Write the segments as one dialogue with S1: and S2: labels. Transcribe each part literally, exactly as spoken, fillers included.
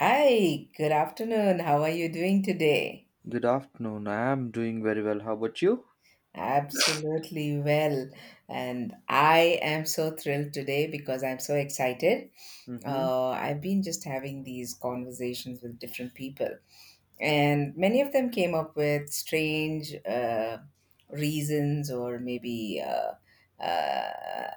S1: Hi, good afternoon. How are you doing today?
S2: Good afternoon. I am doing very well. How about you?
S1: Absolutely well. And I am so thrilled today because I'm so excited.
S2: Mm-hmm.
S1: Uh, I've been just having these conversations with different people, and many of them came up with strange uh, reasons or maybe uh, uh,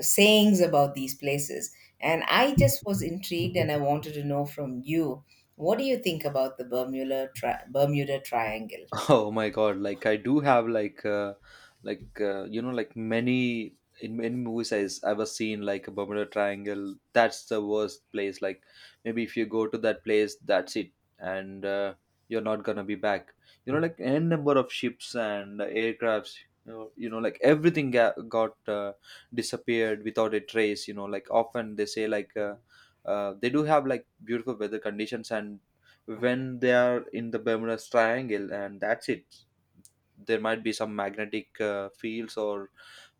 S1: sayings about these places. And I just was intrigued and I wanted to know from you, what do you think about the Bermuda, tri- Bermuda Triangle?
S2: Oh my God! Like I do have like uh, like uh, you know like many in many movies I've ever seen, like, a Bermuda Triangle. That's the worst place. Like maybe if you go to that place, that's it, and uh, you're not gonna be back. You know, like n number of ships and aircrafts. You know, you know, like everything ga- got uh, disappeared without a trace. You know, like often they say like uh, uh, they do have like beautiful weather conditions, and when they are in the Bermuda's Triangle, and that's it. There might be some magnetic uh, fields, or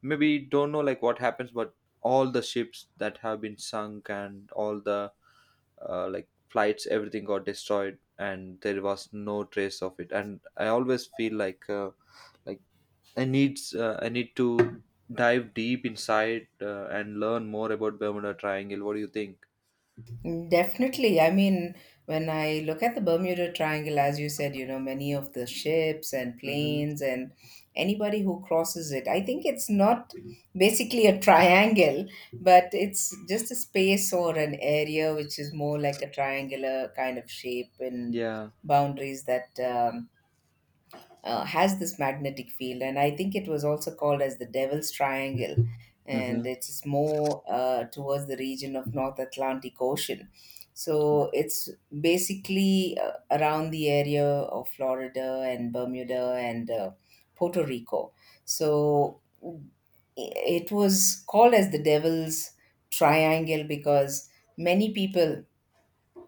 S2: maybe don't know like what happens, but all the ships that have been sunk and all the uh, like flights, everything got destroyed, and there was no trace of it. And I always feel like uh, like I need uh, I need to dive deep inside uh, and learn more about Bermuda Triangle. What do you think?
S1: Mm, definitely. I mean, when I look at the Bermuda Triangle, as you said, you know, many of the ships and
S2: Mm-hmm.
S1: planes and anybody who crosses it, I think it's not basically a triangle, but it's just a space or an area which is more like a triangular kind of shape and
S2: Yeah.
S1: boundaries that um, uh, has this magnetic field, and I think it was also called as the Devil's Triangle, and
S2: Mm-hmm.
S1: it's more uh, towards the region of North Atlantic Ocean. So it's basically uh, around the area of Florida and Bermuda and uh, Puerto Rico. So it was called as the Devil's Triangle because many people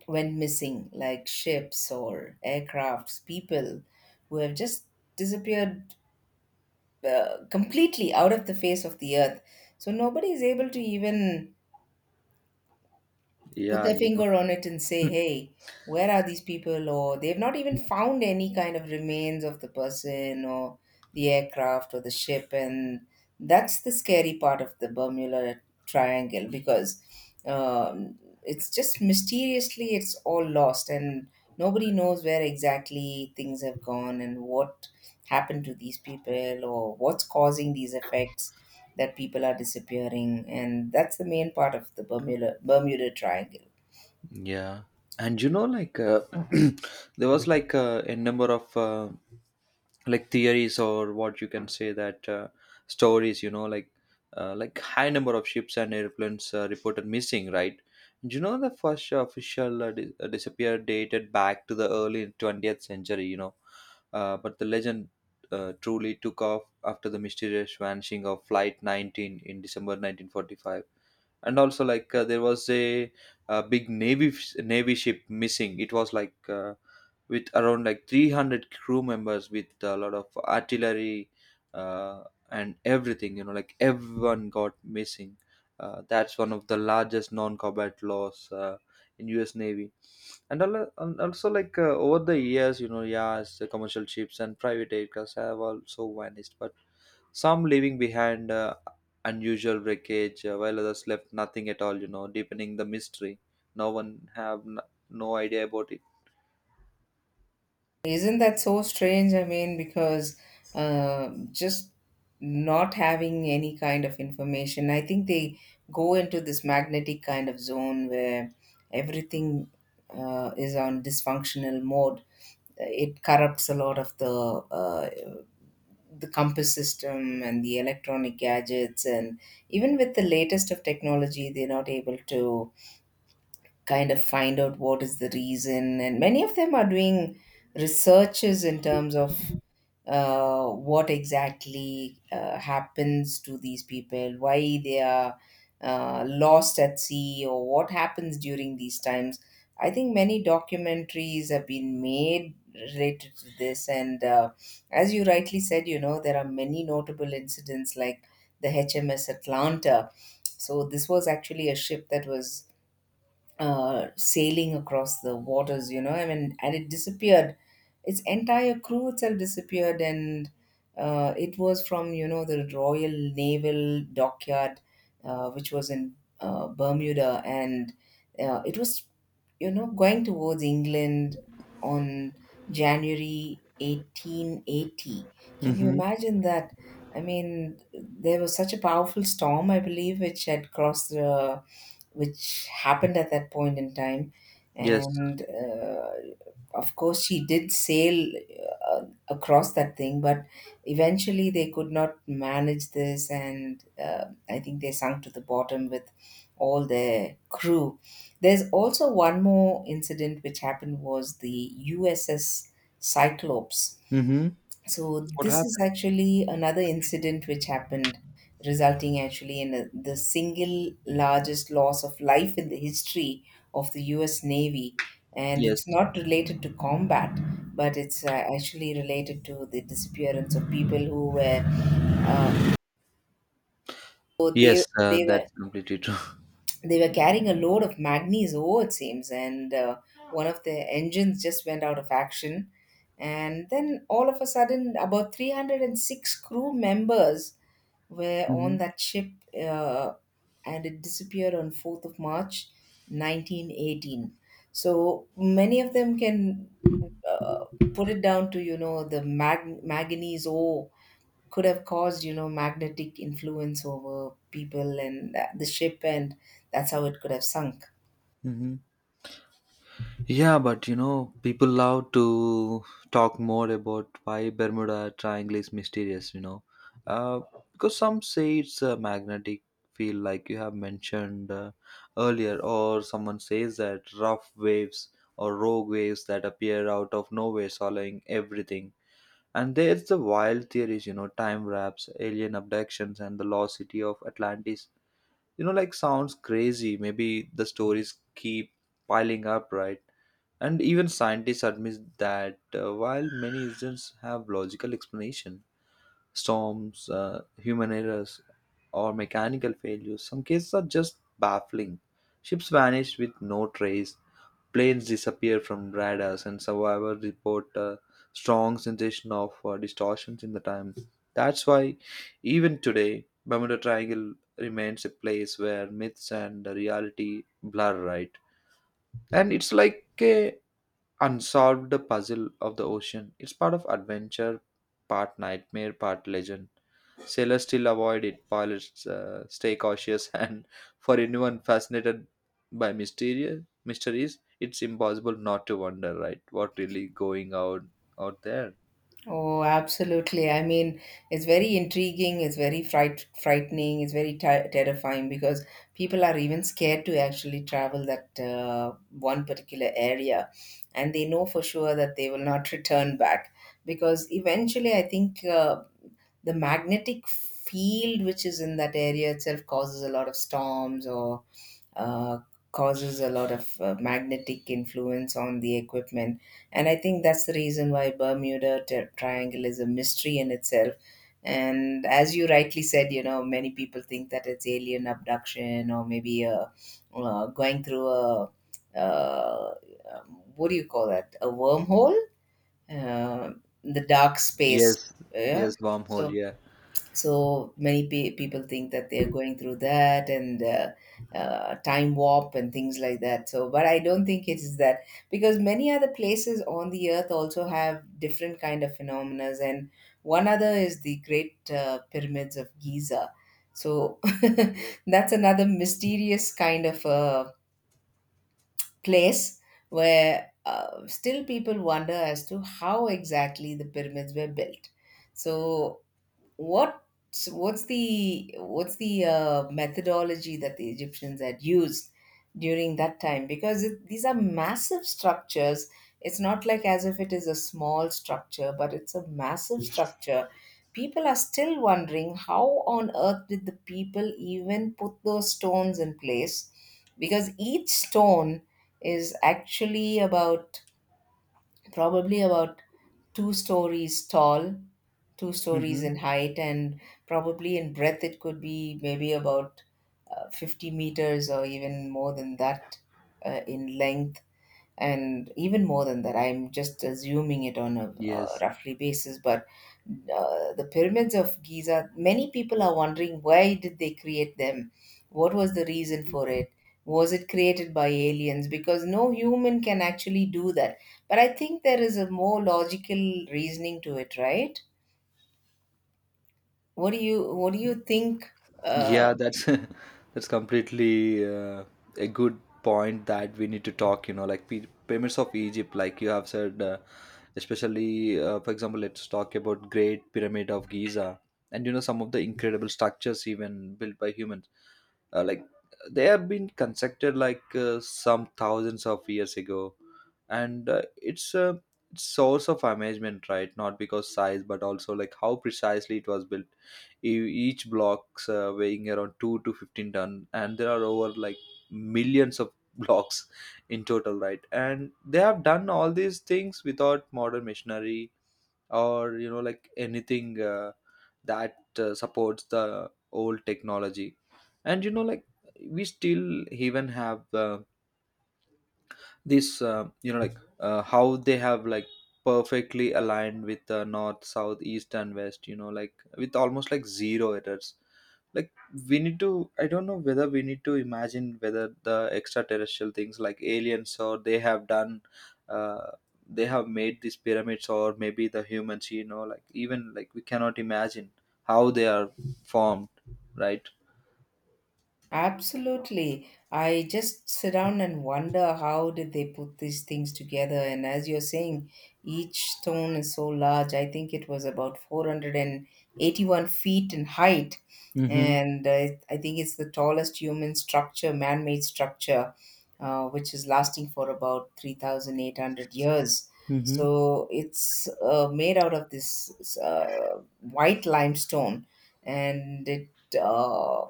S1: when missing, like ships or aircrafts, people who have just disappeared uh, completely out of the face of the earth. So nobody is able to even put
S2: Yeah,
S1: their
S2: you
S1: finger on it and say, hey, where are these people? Or they've not even found any kind of remains of the person or the aircraft or the ship. And that's the scary part of the Bermuda Triangle because um, it's just mysteriously it's all lost and nobody knows where exactly things have gone and what happened to these people or what's causing these effects that people are disappearing, and that's the main part of the Bermuda Bermuda Triangle.
S2: Yeah, and you know, like uh, there was like uh, a number of uh, like theories or what you can say that uh, stories. You know, like uh, like high number of ships and airplanes uh, reported missing. Right? And you know, the first official uh, di- uh, disappear dated back to the early twentieth century. You know, uh, but the legend uh, truly took off after the mysterious vanishing of Flight nineteen in December nineteen forty-five, and also like uh, there was a, a big navy f- navy ship missing. It was like uh, with around like three hundred crew members with a lot of artillery, uh, and everything. You know, like everyone got missing. Uh, that's one of the largest non-combat loss uh, in US Navy. And al- and also like uh, over the years, you know, yeah, the commercial ships and private aircrafts have also vanished, but some leaving behind uh, unusual wreckage, uh, while others left nothing at all, you know, deepening the mystery. no one have n- no idea about it.
S1: Isn't that so strange? I mean, because uh, just not having any kind of information, I think they go into this magnetic kind of zone where everything uh, is on dysfunctional mode. It corrupts a lot of the uh, the compass system and the electronic gadgets, and even with the latest of technology, they're not able to kind of find out what is the reason, and many of them are doing researches in terms of uh, what exactly uh, happens to these people, why they are uh, lost at sea, or what happens during these times. I think many documentaries have been made related to this, and uh, as you rightly said, you know, there are many notable incidents like the HMS Atlanta. So this was actually a ship that was uh, sailing across the waters, you know, I mean, and it disappeared. Its entire crew itself disappeared, and uh, it was from, you know, the Royal Naval Dockyard uh, which was in uh, Bermuda, and uh, it was, you know, going towards England on January eighteen eighty. Can you
S2: Mm-hmm.
S1: imagine that? I mean, there was such a powerful storm, I believe, which had crossed the which happened at that point in time,
S2: Yes.
S1: and uh, of course she did sail uh, across that thing, but eventually they could not manage this, and uh, I think they sunk to the bottom with all their crew. There's also one more incident which happened, was the USS Cyclops.
S2: Mm-hmm.
S1: So
S2: What
S1: this is
S2: happened?
S1: actually another incident which happened, resulting actually in a, the single largest loss of life in the history of the U S. Navy, and it's
S2: Yes.
S1: not related to combat, but it's uh, actually related to the disappearance of people who were. Uh, so they
S2: Yes uh,
S1: they were,
S2: that's completely true.
S1: they were carrying a load of manganese ore, it seems, and uh, one of the engines just went out of action. And then all of a sudden, about three hundred six crew members were on that ship, uh, and it disappeared on fourth of March, nineteen eighteen. So many of them can uh, put it down to, you know, the mag- manganese ore could have caused, you know, magnetic influence over people and uh, the ship, and that's how it could have sunk.
S2: Mm-hmm. Yeah, but you know, people love to talk more about why Bermuda Triangle is mysterious, you know. Uh, because some say it's a magnetic field, like you have mentioned uh, earlier, or someone says that rough waves or rogue waves that appear out of nowhere, swallowing everything. And there's the wild theories, you know, time wraps, alien abductions, and the lost city of Atlantis. You know, like sounds crazy. Maybe the stories keep piling up, right? And even scientists admit that uh, while many incidents have logical explanation, storms, uh, human errors, or mechanical failures, some cases are just baffling. Ships vanish with no trace, planes disappear from radars, and survivors report a strong sensation of uh, distortions in the time. That's why, even today, Bermuda Triangle remains a place where myths and reality blur, right? And it's like a unsolved puzzle of the ocean. It's part of adventure, part nightmare, part legend. Sailors still avoid it. Pilots uh, stay cautious, and for anyone fascinated by mysterious mysteries, it's impossible not to wonder, right? What really going out out there?
S1: Oh, absolutely. I mean, it's very intriguing, it's very fright- frightening, it's very ter- terrifying, because people are even scared to actually travel that uh, one particular area, and they know for sure that they will not return back, because eventually I think uh, the magnetic field which is in that area itself causes a lot of storms or uh, causes a lot of uh, magnetic influence on the equipment. And I think that's the reason why Bermuda Tri- Triangle is a mystery in itself. And as you rightly said, you know, many people think that it's alien abduction or maybe uh, uh, going through a, uh, um, what do you call that? A wormhole? Uh, the dark space.
S2: Yes,
S1: Yeah.
S2: yes, wormhole.
S1: So
S2: Yeah.
S1: so many pe- people think that they're going through that and uh, uh, time warp and things like that. So, but I don't think it is that, because many other places on the earth also have different kind of phenomena. And one other is the Great uh, Pyramids of Giza. So that's another mysterious kind of a place where uh, still people wonder as to how exactly the pyramids were built. So, What's what's the what's the uh, methodology that the Egyptians had used during that time? Because it, these are massive structures. It's not like as if it is a small structure, but it's a massive structure. People are still wondering how on earth did the people even put those stones in place? Because each stone is actually about probably about two stories tall, two stories
S2: Mm-hmm.
S1: in height, and probably in breadth it could be maybe about uh, fifty meters or even more than that uh, in length, and even more than that. I'm just assuming it on a, uh
S2: Yes.
S1: roughly basis. But uh, the pyramids of Giza, many people are wondering, why did they create them? What was the reason for it? Was it created by aliens? Because no human can actually do that. But I think there is a more logical reasoning to it, right? What do you what do you think? Uh,
S2: Yeah, that's that's completely uh, a good point that we need to talk. You know, like p- pyramids of Egypt, like you have said, uh, especially uh, for example, let's talk about Great Pyramid of Giza, and you know some of the incredible structures even built by humans. Uh, like they have been constructed like uh, some thousands of years ago, and uh, it's a source of amazement, right? Not because size, but also like how precisely it was built. E- each blocks uh, weighing around two to fifteen ton, and there are over like millions of blocks in total, right? And they have done all these things without modern machinery or, you know, like anything uh, that uh, supports the old technology. And you know like we still even have uh, this uh, you know like uh, how they have like perfectly aligned with the north south east and west, you know, like with almost like zero errors. Like, we need to, I don't know whether we need to imagine whether the extraterrestrial things like aliens or they have done, uh, they have made these pyramids, or maybe the humans, you know, like even like we cannot imagine how they are formed, right?
S1: absolutely. I just sit down and wonder how did they put these things together. And as you're saying, each stone is so large. I think it was about four hundred eighty-one feet in height.
S2: Mm-hmm.
S1: And uh, I think it's the tallest human structure, man made structure, uh, which is lasting for about three thousand eight hundred years. So it's uh, made out of this uh, white limestone. And it uh,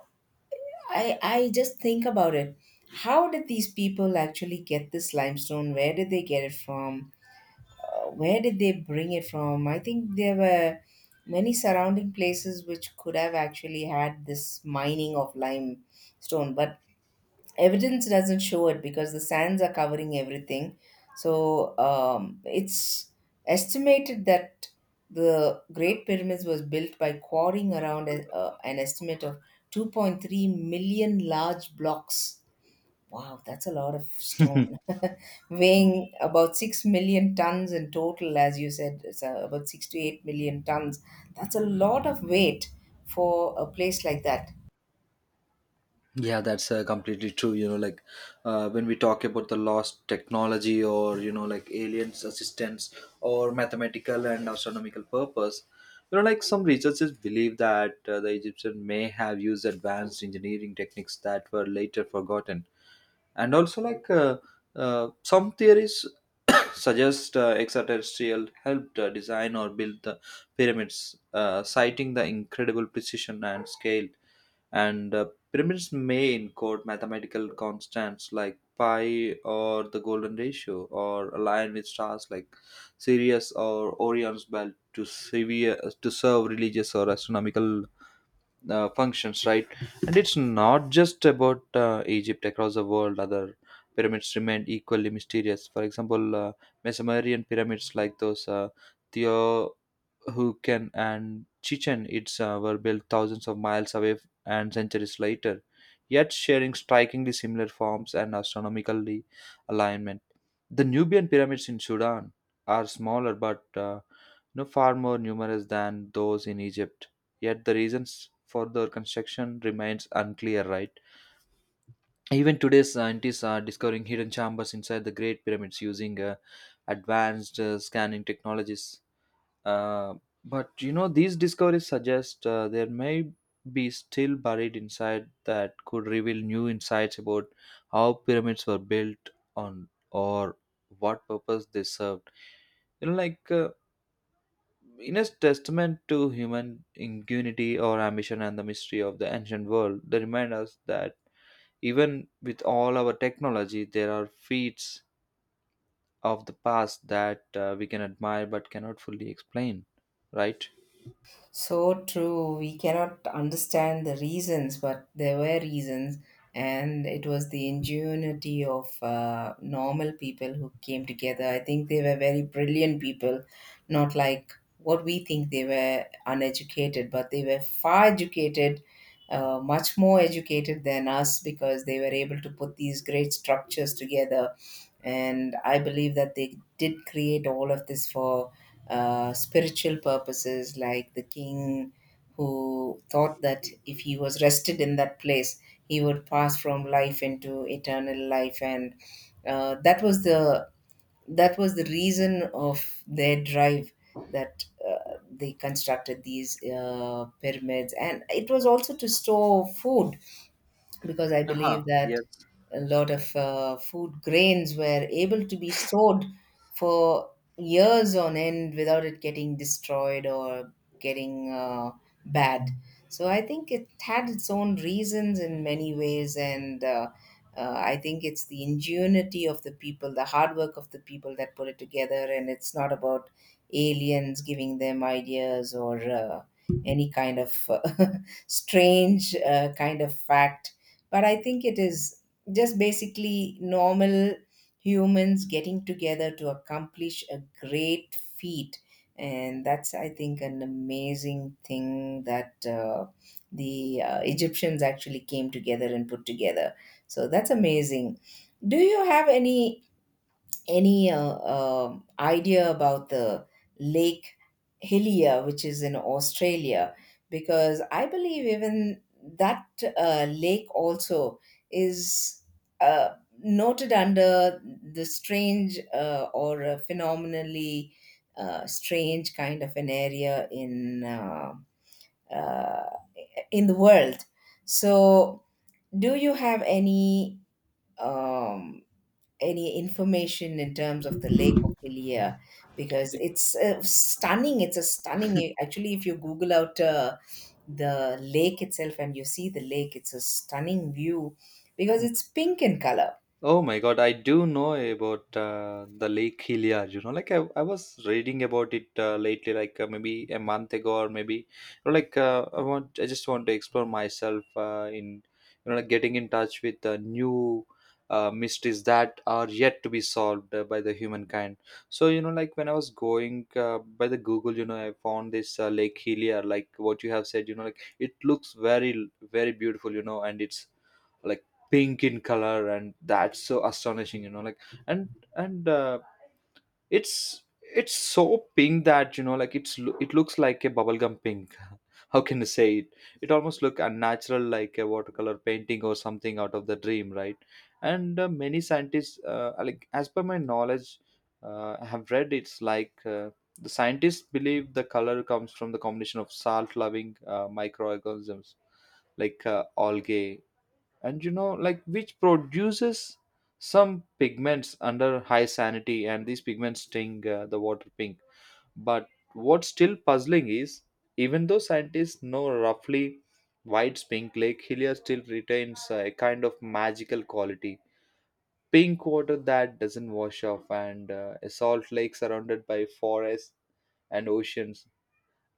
S1: I I just think about it. How did these people actually get this limestone? Where did they get it from? Uh, where did they bring it from? I think there were many surrounding places which could have actually had this mining of limestone, but evidence doesn't show it because the sands are covering everything. So um, it's estimated that the Great Pyramids was built by quarrying around a, uh, an estimate of two point three million large blocks. Wow, that's a lot of
S2: Mm-hmm.
S1: stone. Weighing about six million tons in total, as you said, it's uh, about six to eight million tons. That's a lot of weight for a place like that.
S2: Yeah, that's uh, completely true. You know, like uh, when we talk about the lost technology, or, you know, like aliens' assistance or mathematical and astronomical purpose, you know, like some researchers believe that uh, the Egyptian may have used advanced engineering techniques that were later forgotten. And also, like uh, uh, some theories suggest uh, extraterrestrial helped uh, design or build the pyramids, uh, citing the incredible precision and scale, and uh, pyramids may encode mathematical constants like pi or the golden ratio, or align with stars like Sirius or Orion's belt to severe to serve religious or astronomical uh, functions, right? And it's not just about uh, Egypt. Across the world, other pyramids remain equally mysterious. For example, uh, Mesomerian pyramids like those uh, Teotihuacan and Chichen Itza uh, were built thousands of miles away f- and centuries later, yet sharing strikingly similar forms and astronomically alignment. The Nubian pyramids in Sudan are smaller, but uh, know, far more numerous than those in Egypt. Yet the reasons for their construction remains unclear, right? Even today, scientists are discovering hidden chambers inside the Great Pyramids using uh, advanced uh, scanning technologies. Uh, but you know, these discoveries suggest uh, there may be still buried inside that could reveal new insights about how pyramids were built on, or what purpose they served. You know, like uh, in a testament to human ingenuity or ambition and the mystery of the ancient world, they remind us that even with all our technology, there are feats of the past that uh, we can admire but cannot fully explain, right?
S1: So true. We cannot understand the reasons, but there were reasons, and it was the ingenuity of uh, normal people who came together. I think they were very brilliant people, not like what we think, they were uneducated, but they were far educated, uh, much more educated than us, because they were able to put these great structures together. And I believe that they did create all of this for uh, spiritual purposes, like the king who thought that if he was rested in that place, he would pass from life into eternal life, and uh, that was the that was the reason of their drive, that uh, they constructed these uh, pyramids. And it was also to store food, because I
S2: Aha,
S1: believe that
S2: yes.
S1: a lot of uh, food grains were able to be stored for years on end without it getting destroyed or getting uh, bad. So I think it had its own reasons in many ways, and uh, uh, I think it's the ingenuity of the people, the hard work of the people that put it together, and it's not about aliens giving them ideas or uh, any kind of strange uh, kind of fact. But I think it is just basically normal humans getting together to accomplish a great feat. And that's, I think, an amazing thing that uh, the uh, Egyptians actually came together and put together. So that's amazing. Do you have any any uh, um idea about the Lake Hillier, which is in Australia? Because I believe even that uh, lake also is uh, noted under the strange uh, or a phenomenally uh, strange kind of an area in uh, uh, in the world. So, do you have any? Um, any information in terms of the Lake of Ilia? Because it's uh, stunning. It's a stunning. Actually, if you Google out uh, the lake itself and you see the lake, it's a stunning view because it's pink in color.
S2: Oh my God, I do know about uh, the Lake Hilliard. You know, like I, I was reading about it uh, lately, like uh, maybe a month ago, or maybe you know, like uh, I want, I just want to explore myself uh, in, you know, like getting in touch with uh, new uh, mysteries that are yet to be solved uh, by the humankind. So you know, like when I was going uh, by the Google, you know, I found this uh, Lake Hilliard, like what you have said. You know, like it looks very, very beautiful. You know, and it's like pink in color, and that's so astonishing, you know, like. and and uh, it's it's so pink that you know like it's lo- it looks like a bubblegum pink. How can you say it? It almost look unnatural, like a watercolor painting or something out of the dream, right? And uh, many scientists uh, like as per my knowledge, uh, I have read it's like uh, the scientists believe the color comes from the combination of salt loving uh, microorganisms like uh, algae, and you know like which produces some pigments under high sanity, and these pigments sting uh, the water pink. But what's still puzzling is, even though scientists know roughly white's pink, Lake Helia still retains uh, a kind of magical quality. Pink water that doesn't wash off, and uh, a salt lake surrounded by forests and oceans,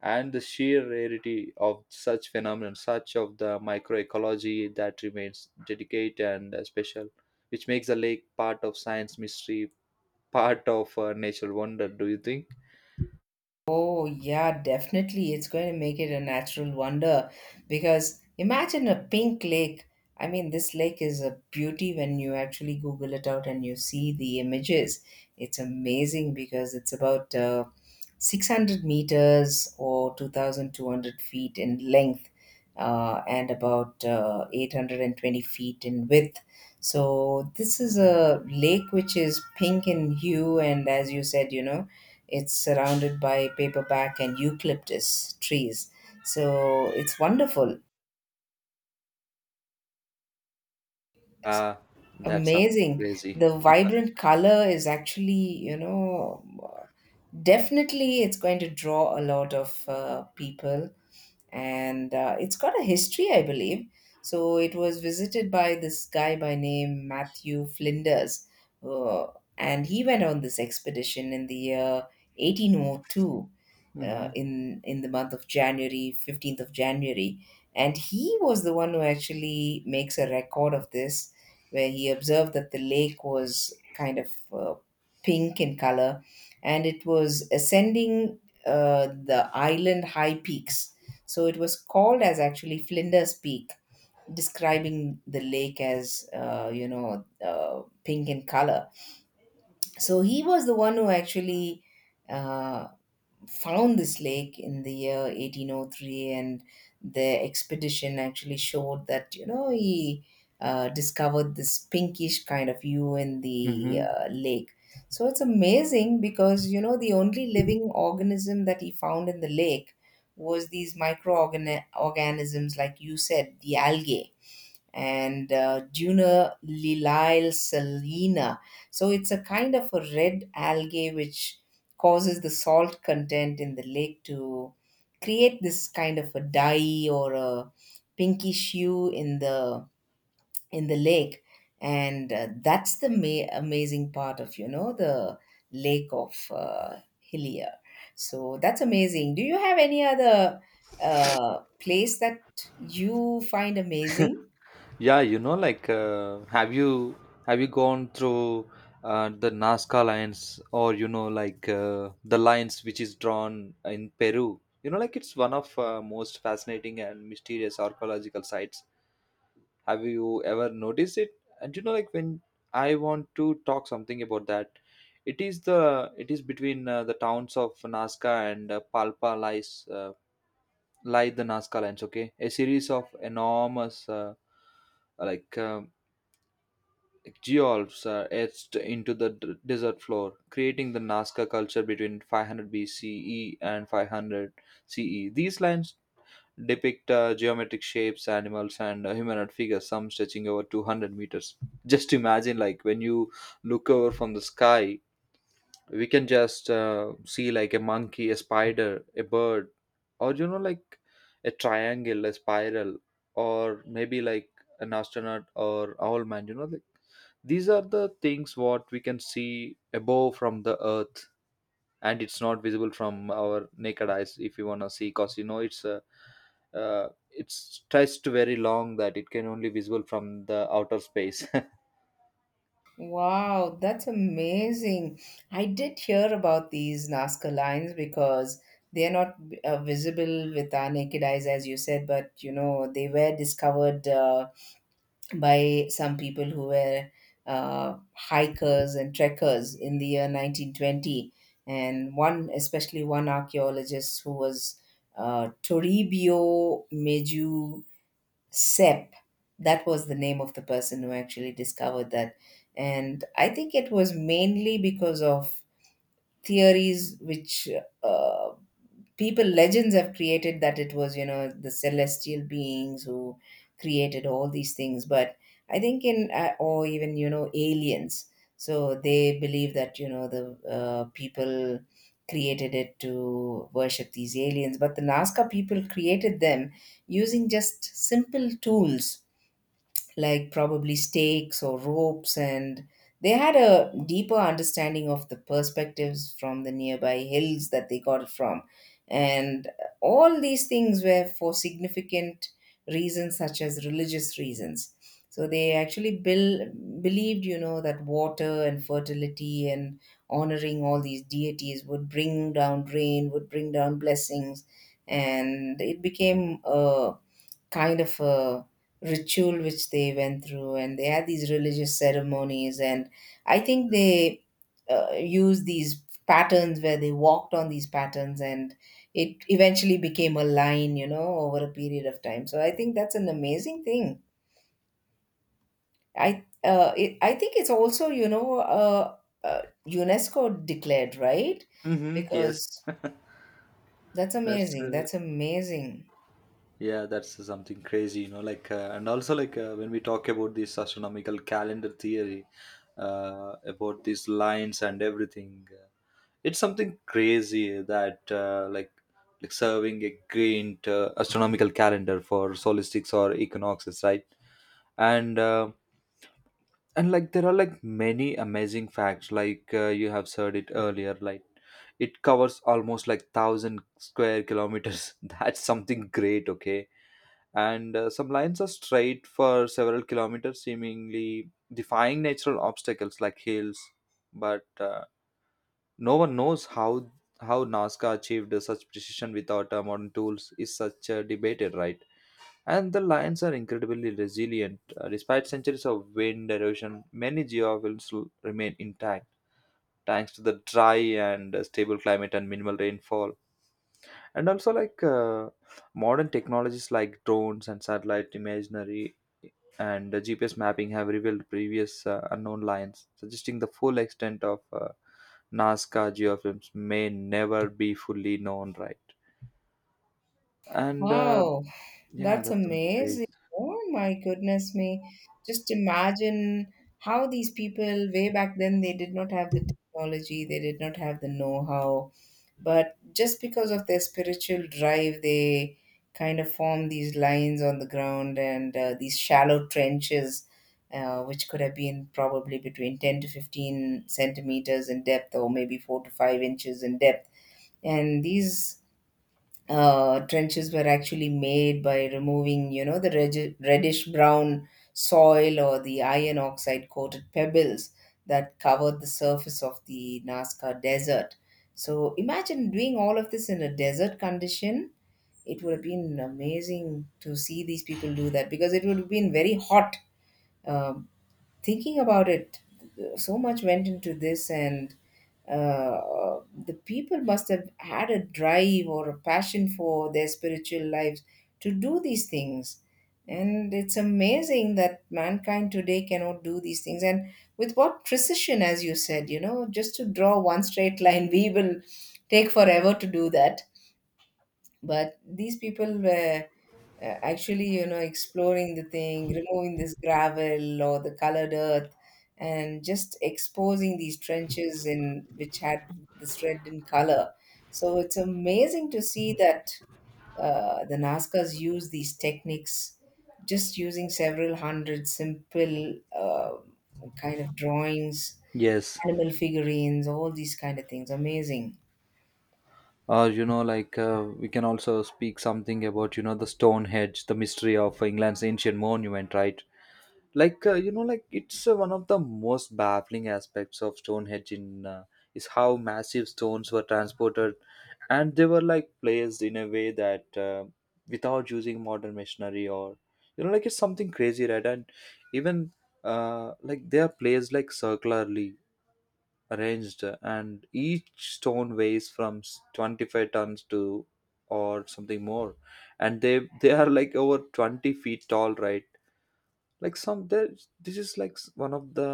S2: and the sheer rarity of such phenomenon, such of the microecology that remains dedicated and uh, special, which makes the lake part of science mystery, part of uh, natural wonder. Do you think?
S1: Oh, yeah, definitely. It's going to make it a natural wonder because imagine a pink lake. I mean, this lake is a beauty when you actually Google it out and you see the images. It's amazing because it's about uh, six hundred meters or two thousand two hundred feet in length, uh, and about uh, eight hundred twenty feet in width. So, this is a lake which is pink in hue, and as you said, you know, it's surrounded by paperback and eucalyptus trees. So it's wonderful. It's
S2: Uh, that's something
S1: amazing.
S2: crazy.
S1: The vibrant color is actually, you know, definitely it's going to draw a lot of uh, people. And uh, it's got a history, I believe. So it was visited by this guy by name Matthew Flinders. Uh, and he went on this expedition in the year eighteen oh two, uh,
S2: Hmm.
S1: in in the month of January, fifteenth of January, and he was the one who actually makes a record of this, where he observed that the lake was kind of uh, pink in color, and it was ascending uh, the island high peaks. So it was called as actually Flinders Peak, describing the lake as uh, you know, uh, pink in color. So he was the one who actually. Uh, Found this lake in the year eighteen oh three, and the expedition actually showed that you know he uh, discovered this pinkish kind of hue in the
S2: Hmm.
S1: uh, lake. So it's amazing because you know the only living organism that he found in the lake was these microorganisms, like you said, the algae and uh, Juna Lilyle salina. So it's a kind of a red algae which causes the salt content in the lake to create this kind of a dye or a pinkish hue in the in the lake, and uh, that's the ma- amazing part of, you know, the lake of uh, Hillier. So that's amazing. Do you have any other uh, place that you find amazing?
S2: Yeah, you know, like, uh, have you have you gone through uh, the Nazca lines, or you know, like uh, the lines which is drawn in Peru? You know, like it's one of uh, most fascinating and mysterious archaeological sites. Have you ever noticed it? And you know, like when I want to talk something about that, it is the it is between uh, the towns of Nazca and uh, Palpa lies, uh, lie the Nazca lines. Okay, a series of enormous uh, like. Um, geolves are etched into the d- desert floor, creating the Nazca culture between five hundred B C E and five hundred C E. These lines depict uh, geometric shapes, animals, and uh, humanoid figures, some stretching over two hundred meters. Just imagine, like, when you look over from the sky, we can just uh, see, like, a monkey, a spider, a bird, or, you know, like a triangle, a spiral, or maybe like an astronaut or owl man, you know, like. These are the things what we can see above from the earth, and it's not visible from our naked eyes if you want to see, because you know it's uh, uh, it's stretched very long that it can only visible from the outer space.
S1: Wow, that's amazing. I did hear about these Nazca lines because they're not uh, visible with our naked eyes, as you said, but you know, they were discovered uh, by some people who were uh, hikers and trekkers in the year nineteen twenty. And one, especially one archaeologist who was uh, Toribio Meju Sep. That was the name of the person who actually discovered that. And I think it was mainly because of theories which uh, people, legends have created that it was, you know, the celestial beings who created all these things. But I think in, uh, or even, you know, aliens. So they believe that, you know, the uh, people created it to worship these aliens. But the Nazca people created them using just simple tools like probably stakes or ropes, and they had a deeper understanding of the perspectives from the nearby hills that they got it from. And all these things were for significant reasons, such as religious reasons. So they actually bel believed, you know, that water and fertility and honoring all these deities would bring down rain, would bring down blessings, and it became a kind of a ritual which they went through, and they had these religious ceremonies. And I think they uh, used these patterns where they walked on these patterns, and it eventually became a line, you know, over a period of time. So I think that's an amazing thing. i uh, it, I think it's also, you know, uh, uh, UNESCO declared, right?
S2: Mm-hmm. Yes,
S1: Because that's
S2: that's
S1: amazing.
S2: uh,
S1: That's amazing.
S2: yeah, that's uh, something crazy, you know. Like, uh, and also like uh, when we talk about this astronomical calendar theory, uh, about these lines and everything, uh, it's something crazy that uh, like like serving a great uh, astronomical calendar for solstices or equinoxes, right? And um, and like there are like many amazing facts, like uh, you have said it earlier, like it covers almost like one thousand square kilometers. That's something great. Okay, and uh, some lines are straight for several kilometers, seemingly defying natural obstacles like hills, but uh, no one knows how how Nazca achieved such precision without uh, modern tools is such uh, debated, right? And the lions are incredibly resilient. Uh, despite centuries of wind erosion, many geowills l- remain intact, thanks to the dry and uh, stable climate and minimal rainfall. And also, like uh, modern technologies like drones and satellite imagery and uh, G P S mapping have revealed previous uh, unknown lines, suggesting the full extent of uh, Nazca geofilms may never be fully known, right? And uh,
S1: Wow.
S2: yeah,
S1: That's
S2: that's something
S1: amazing.
S2: crazy.
S1: Oh my goodness me. Just imagine how these people way back then, they did not have the technology, they did not have the know-how, but just because of their spiritual drive, they kind of formed these lines on the ground and uh, these shallow trenches, uh, which could have been probably between ten to fifteen centimeters in depth, or maybe four to five inches in depth. And these uh, trenches were actually made by removing, you know, the regi- reddish brown soil or the iron oxide coated pebbles that covered the surface of the Nazca Desert. So imagine doing all of this in a desert condition. It would have been amazing to see these people do that because it would have been very hot. Um, Thinking about it, so much went into this, and uh, the people must have had a drive or a passion for their spiritual lives to do these things. And it's amazing that mankind today cannot do these things. And with what precision, as you said, you know, just to draw one straight line, we will take forever to do that. But these people were uh, actually, you know, exploring the thing, removing this gravel or the colored earth and just exposing these trenches in which had this red in color. So it's amazing to see that uh, the Nazcas use these techniques just using several hundred simple uh, kind of drawings,
S2: Yes,
S1: animal figurines, all these kind of things. Amazing.
S2: or you know like uh, we can also speak something about you know the Stonehenge, the mystery of England's ancient monument, right? Like uh, you know like it's uh, one of the most baffling aspects of Stonehenge in, uh, is how massive stones were transported and they were like placed in a way that uh, without using modern machinery, or you know like it's something crazy, right? And even uh, like they are placed like circularly arranged, and each stone weighs from s- twenty-five tons to or something more, and they they are like over twenty feet tall, right? Like some there's- this is like s- one of the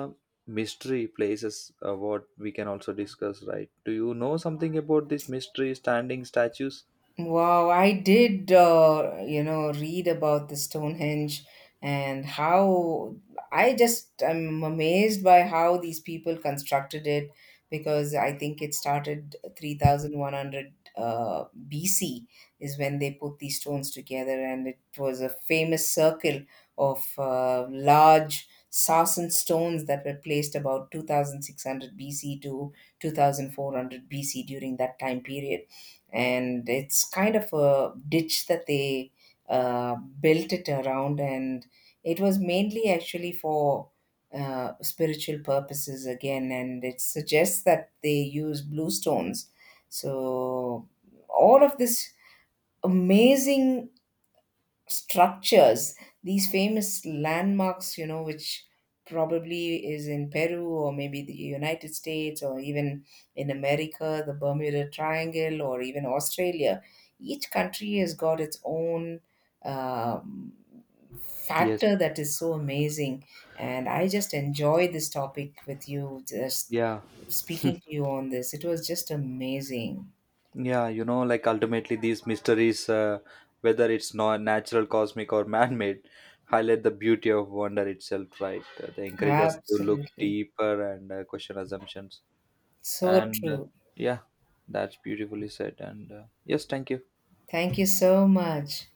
S2: mystery places uh, what we can also discuss, right? Do you know something about these mystery standing statues?
S1: Wow, I did, uh, you know, read about the Stonehenge, and how I just am amazed by how these people constructed it, because I think it started three thousand one hundred uh, B C is when they put these stones together, and it was a famous circle of uh, large sarsen stones that were placed about two thousand six hundred B C to two thousand four hundred B C during that time period. And it's kind of a ditch that they uh, built it around, and it was mainly actually for uh, spiritual purposes again, and it suggests that they use blue stones. So all of this amazing structures, these famous landmarks, you know, which probably is in Peru, or maybe the United States, or even in America, the Bermuda Triangle, or even Australia. Each country has got its own um,
S2: Yes.
S1: factor that is so amazing. And I just enjoy this topic with you, just
S2: Yeah.
S1: speaking to you on this. It was just amazing.
S2: Yeah, you know, like ultimately these mysteries, uh, whether it's not natural, cosmic, or man-made, highlight the beauty of wonder itself. Right? Uh, They encourage us to look
S1: Absolutely.
S2: deeper and uh, question assumptions.
S1: So
S2: And uh,
S1: true.
S2: yeah, that's beautifully said. And uh, yes, thank you.
S1: Thank you so much.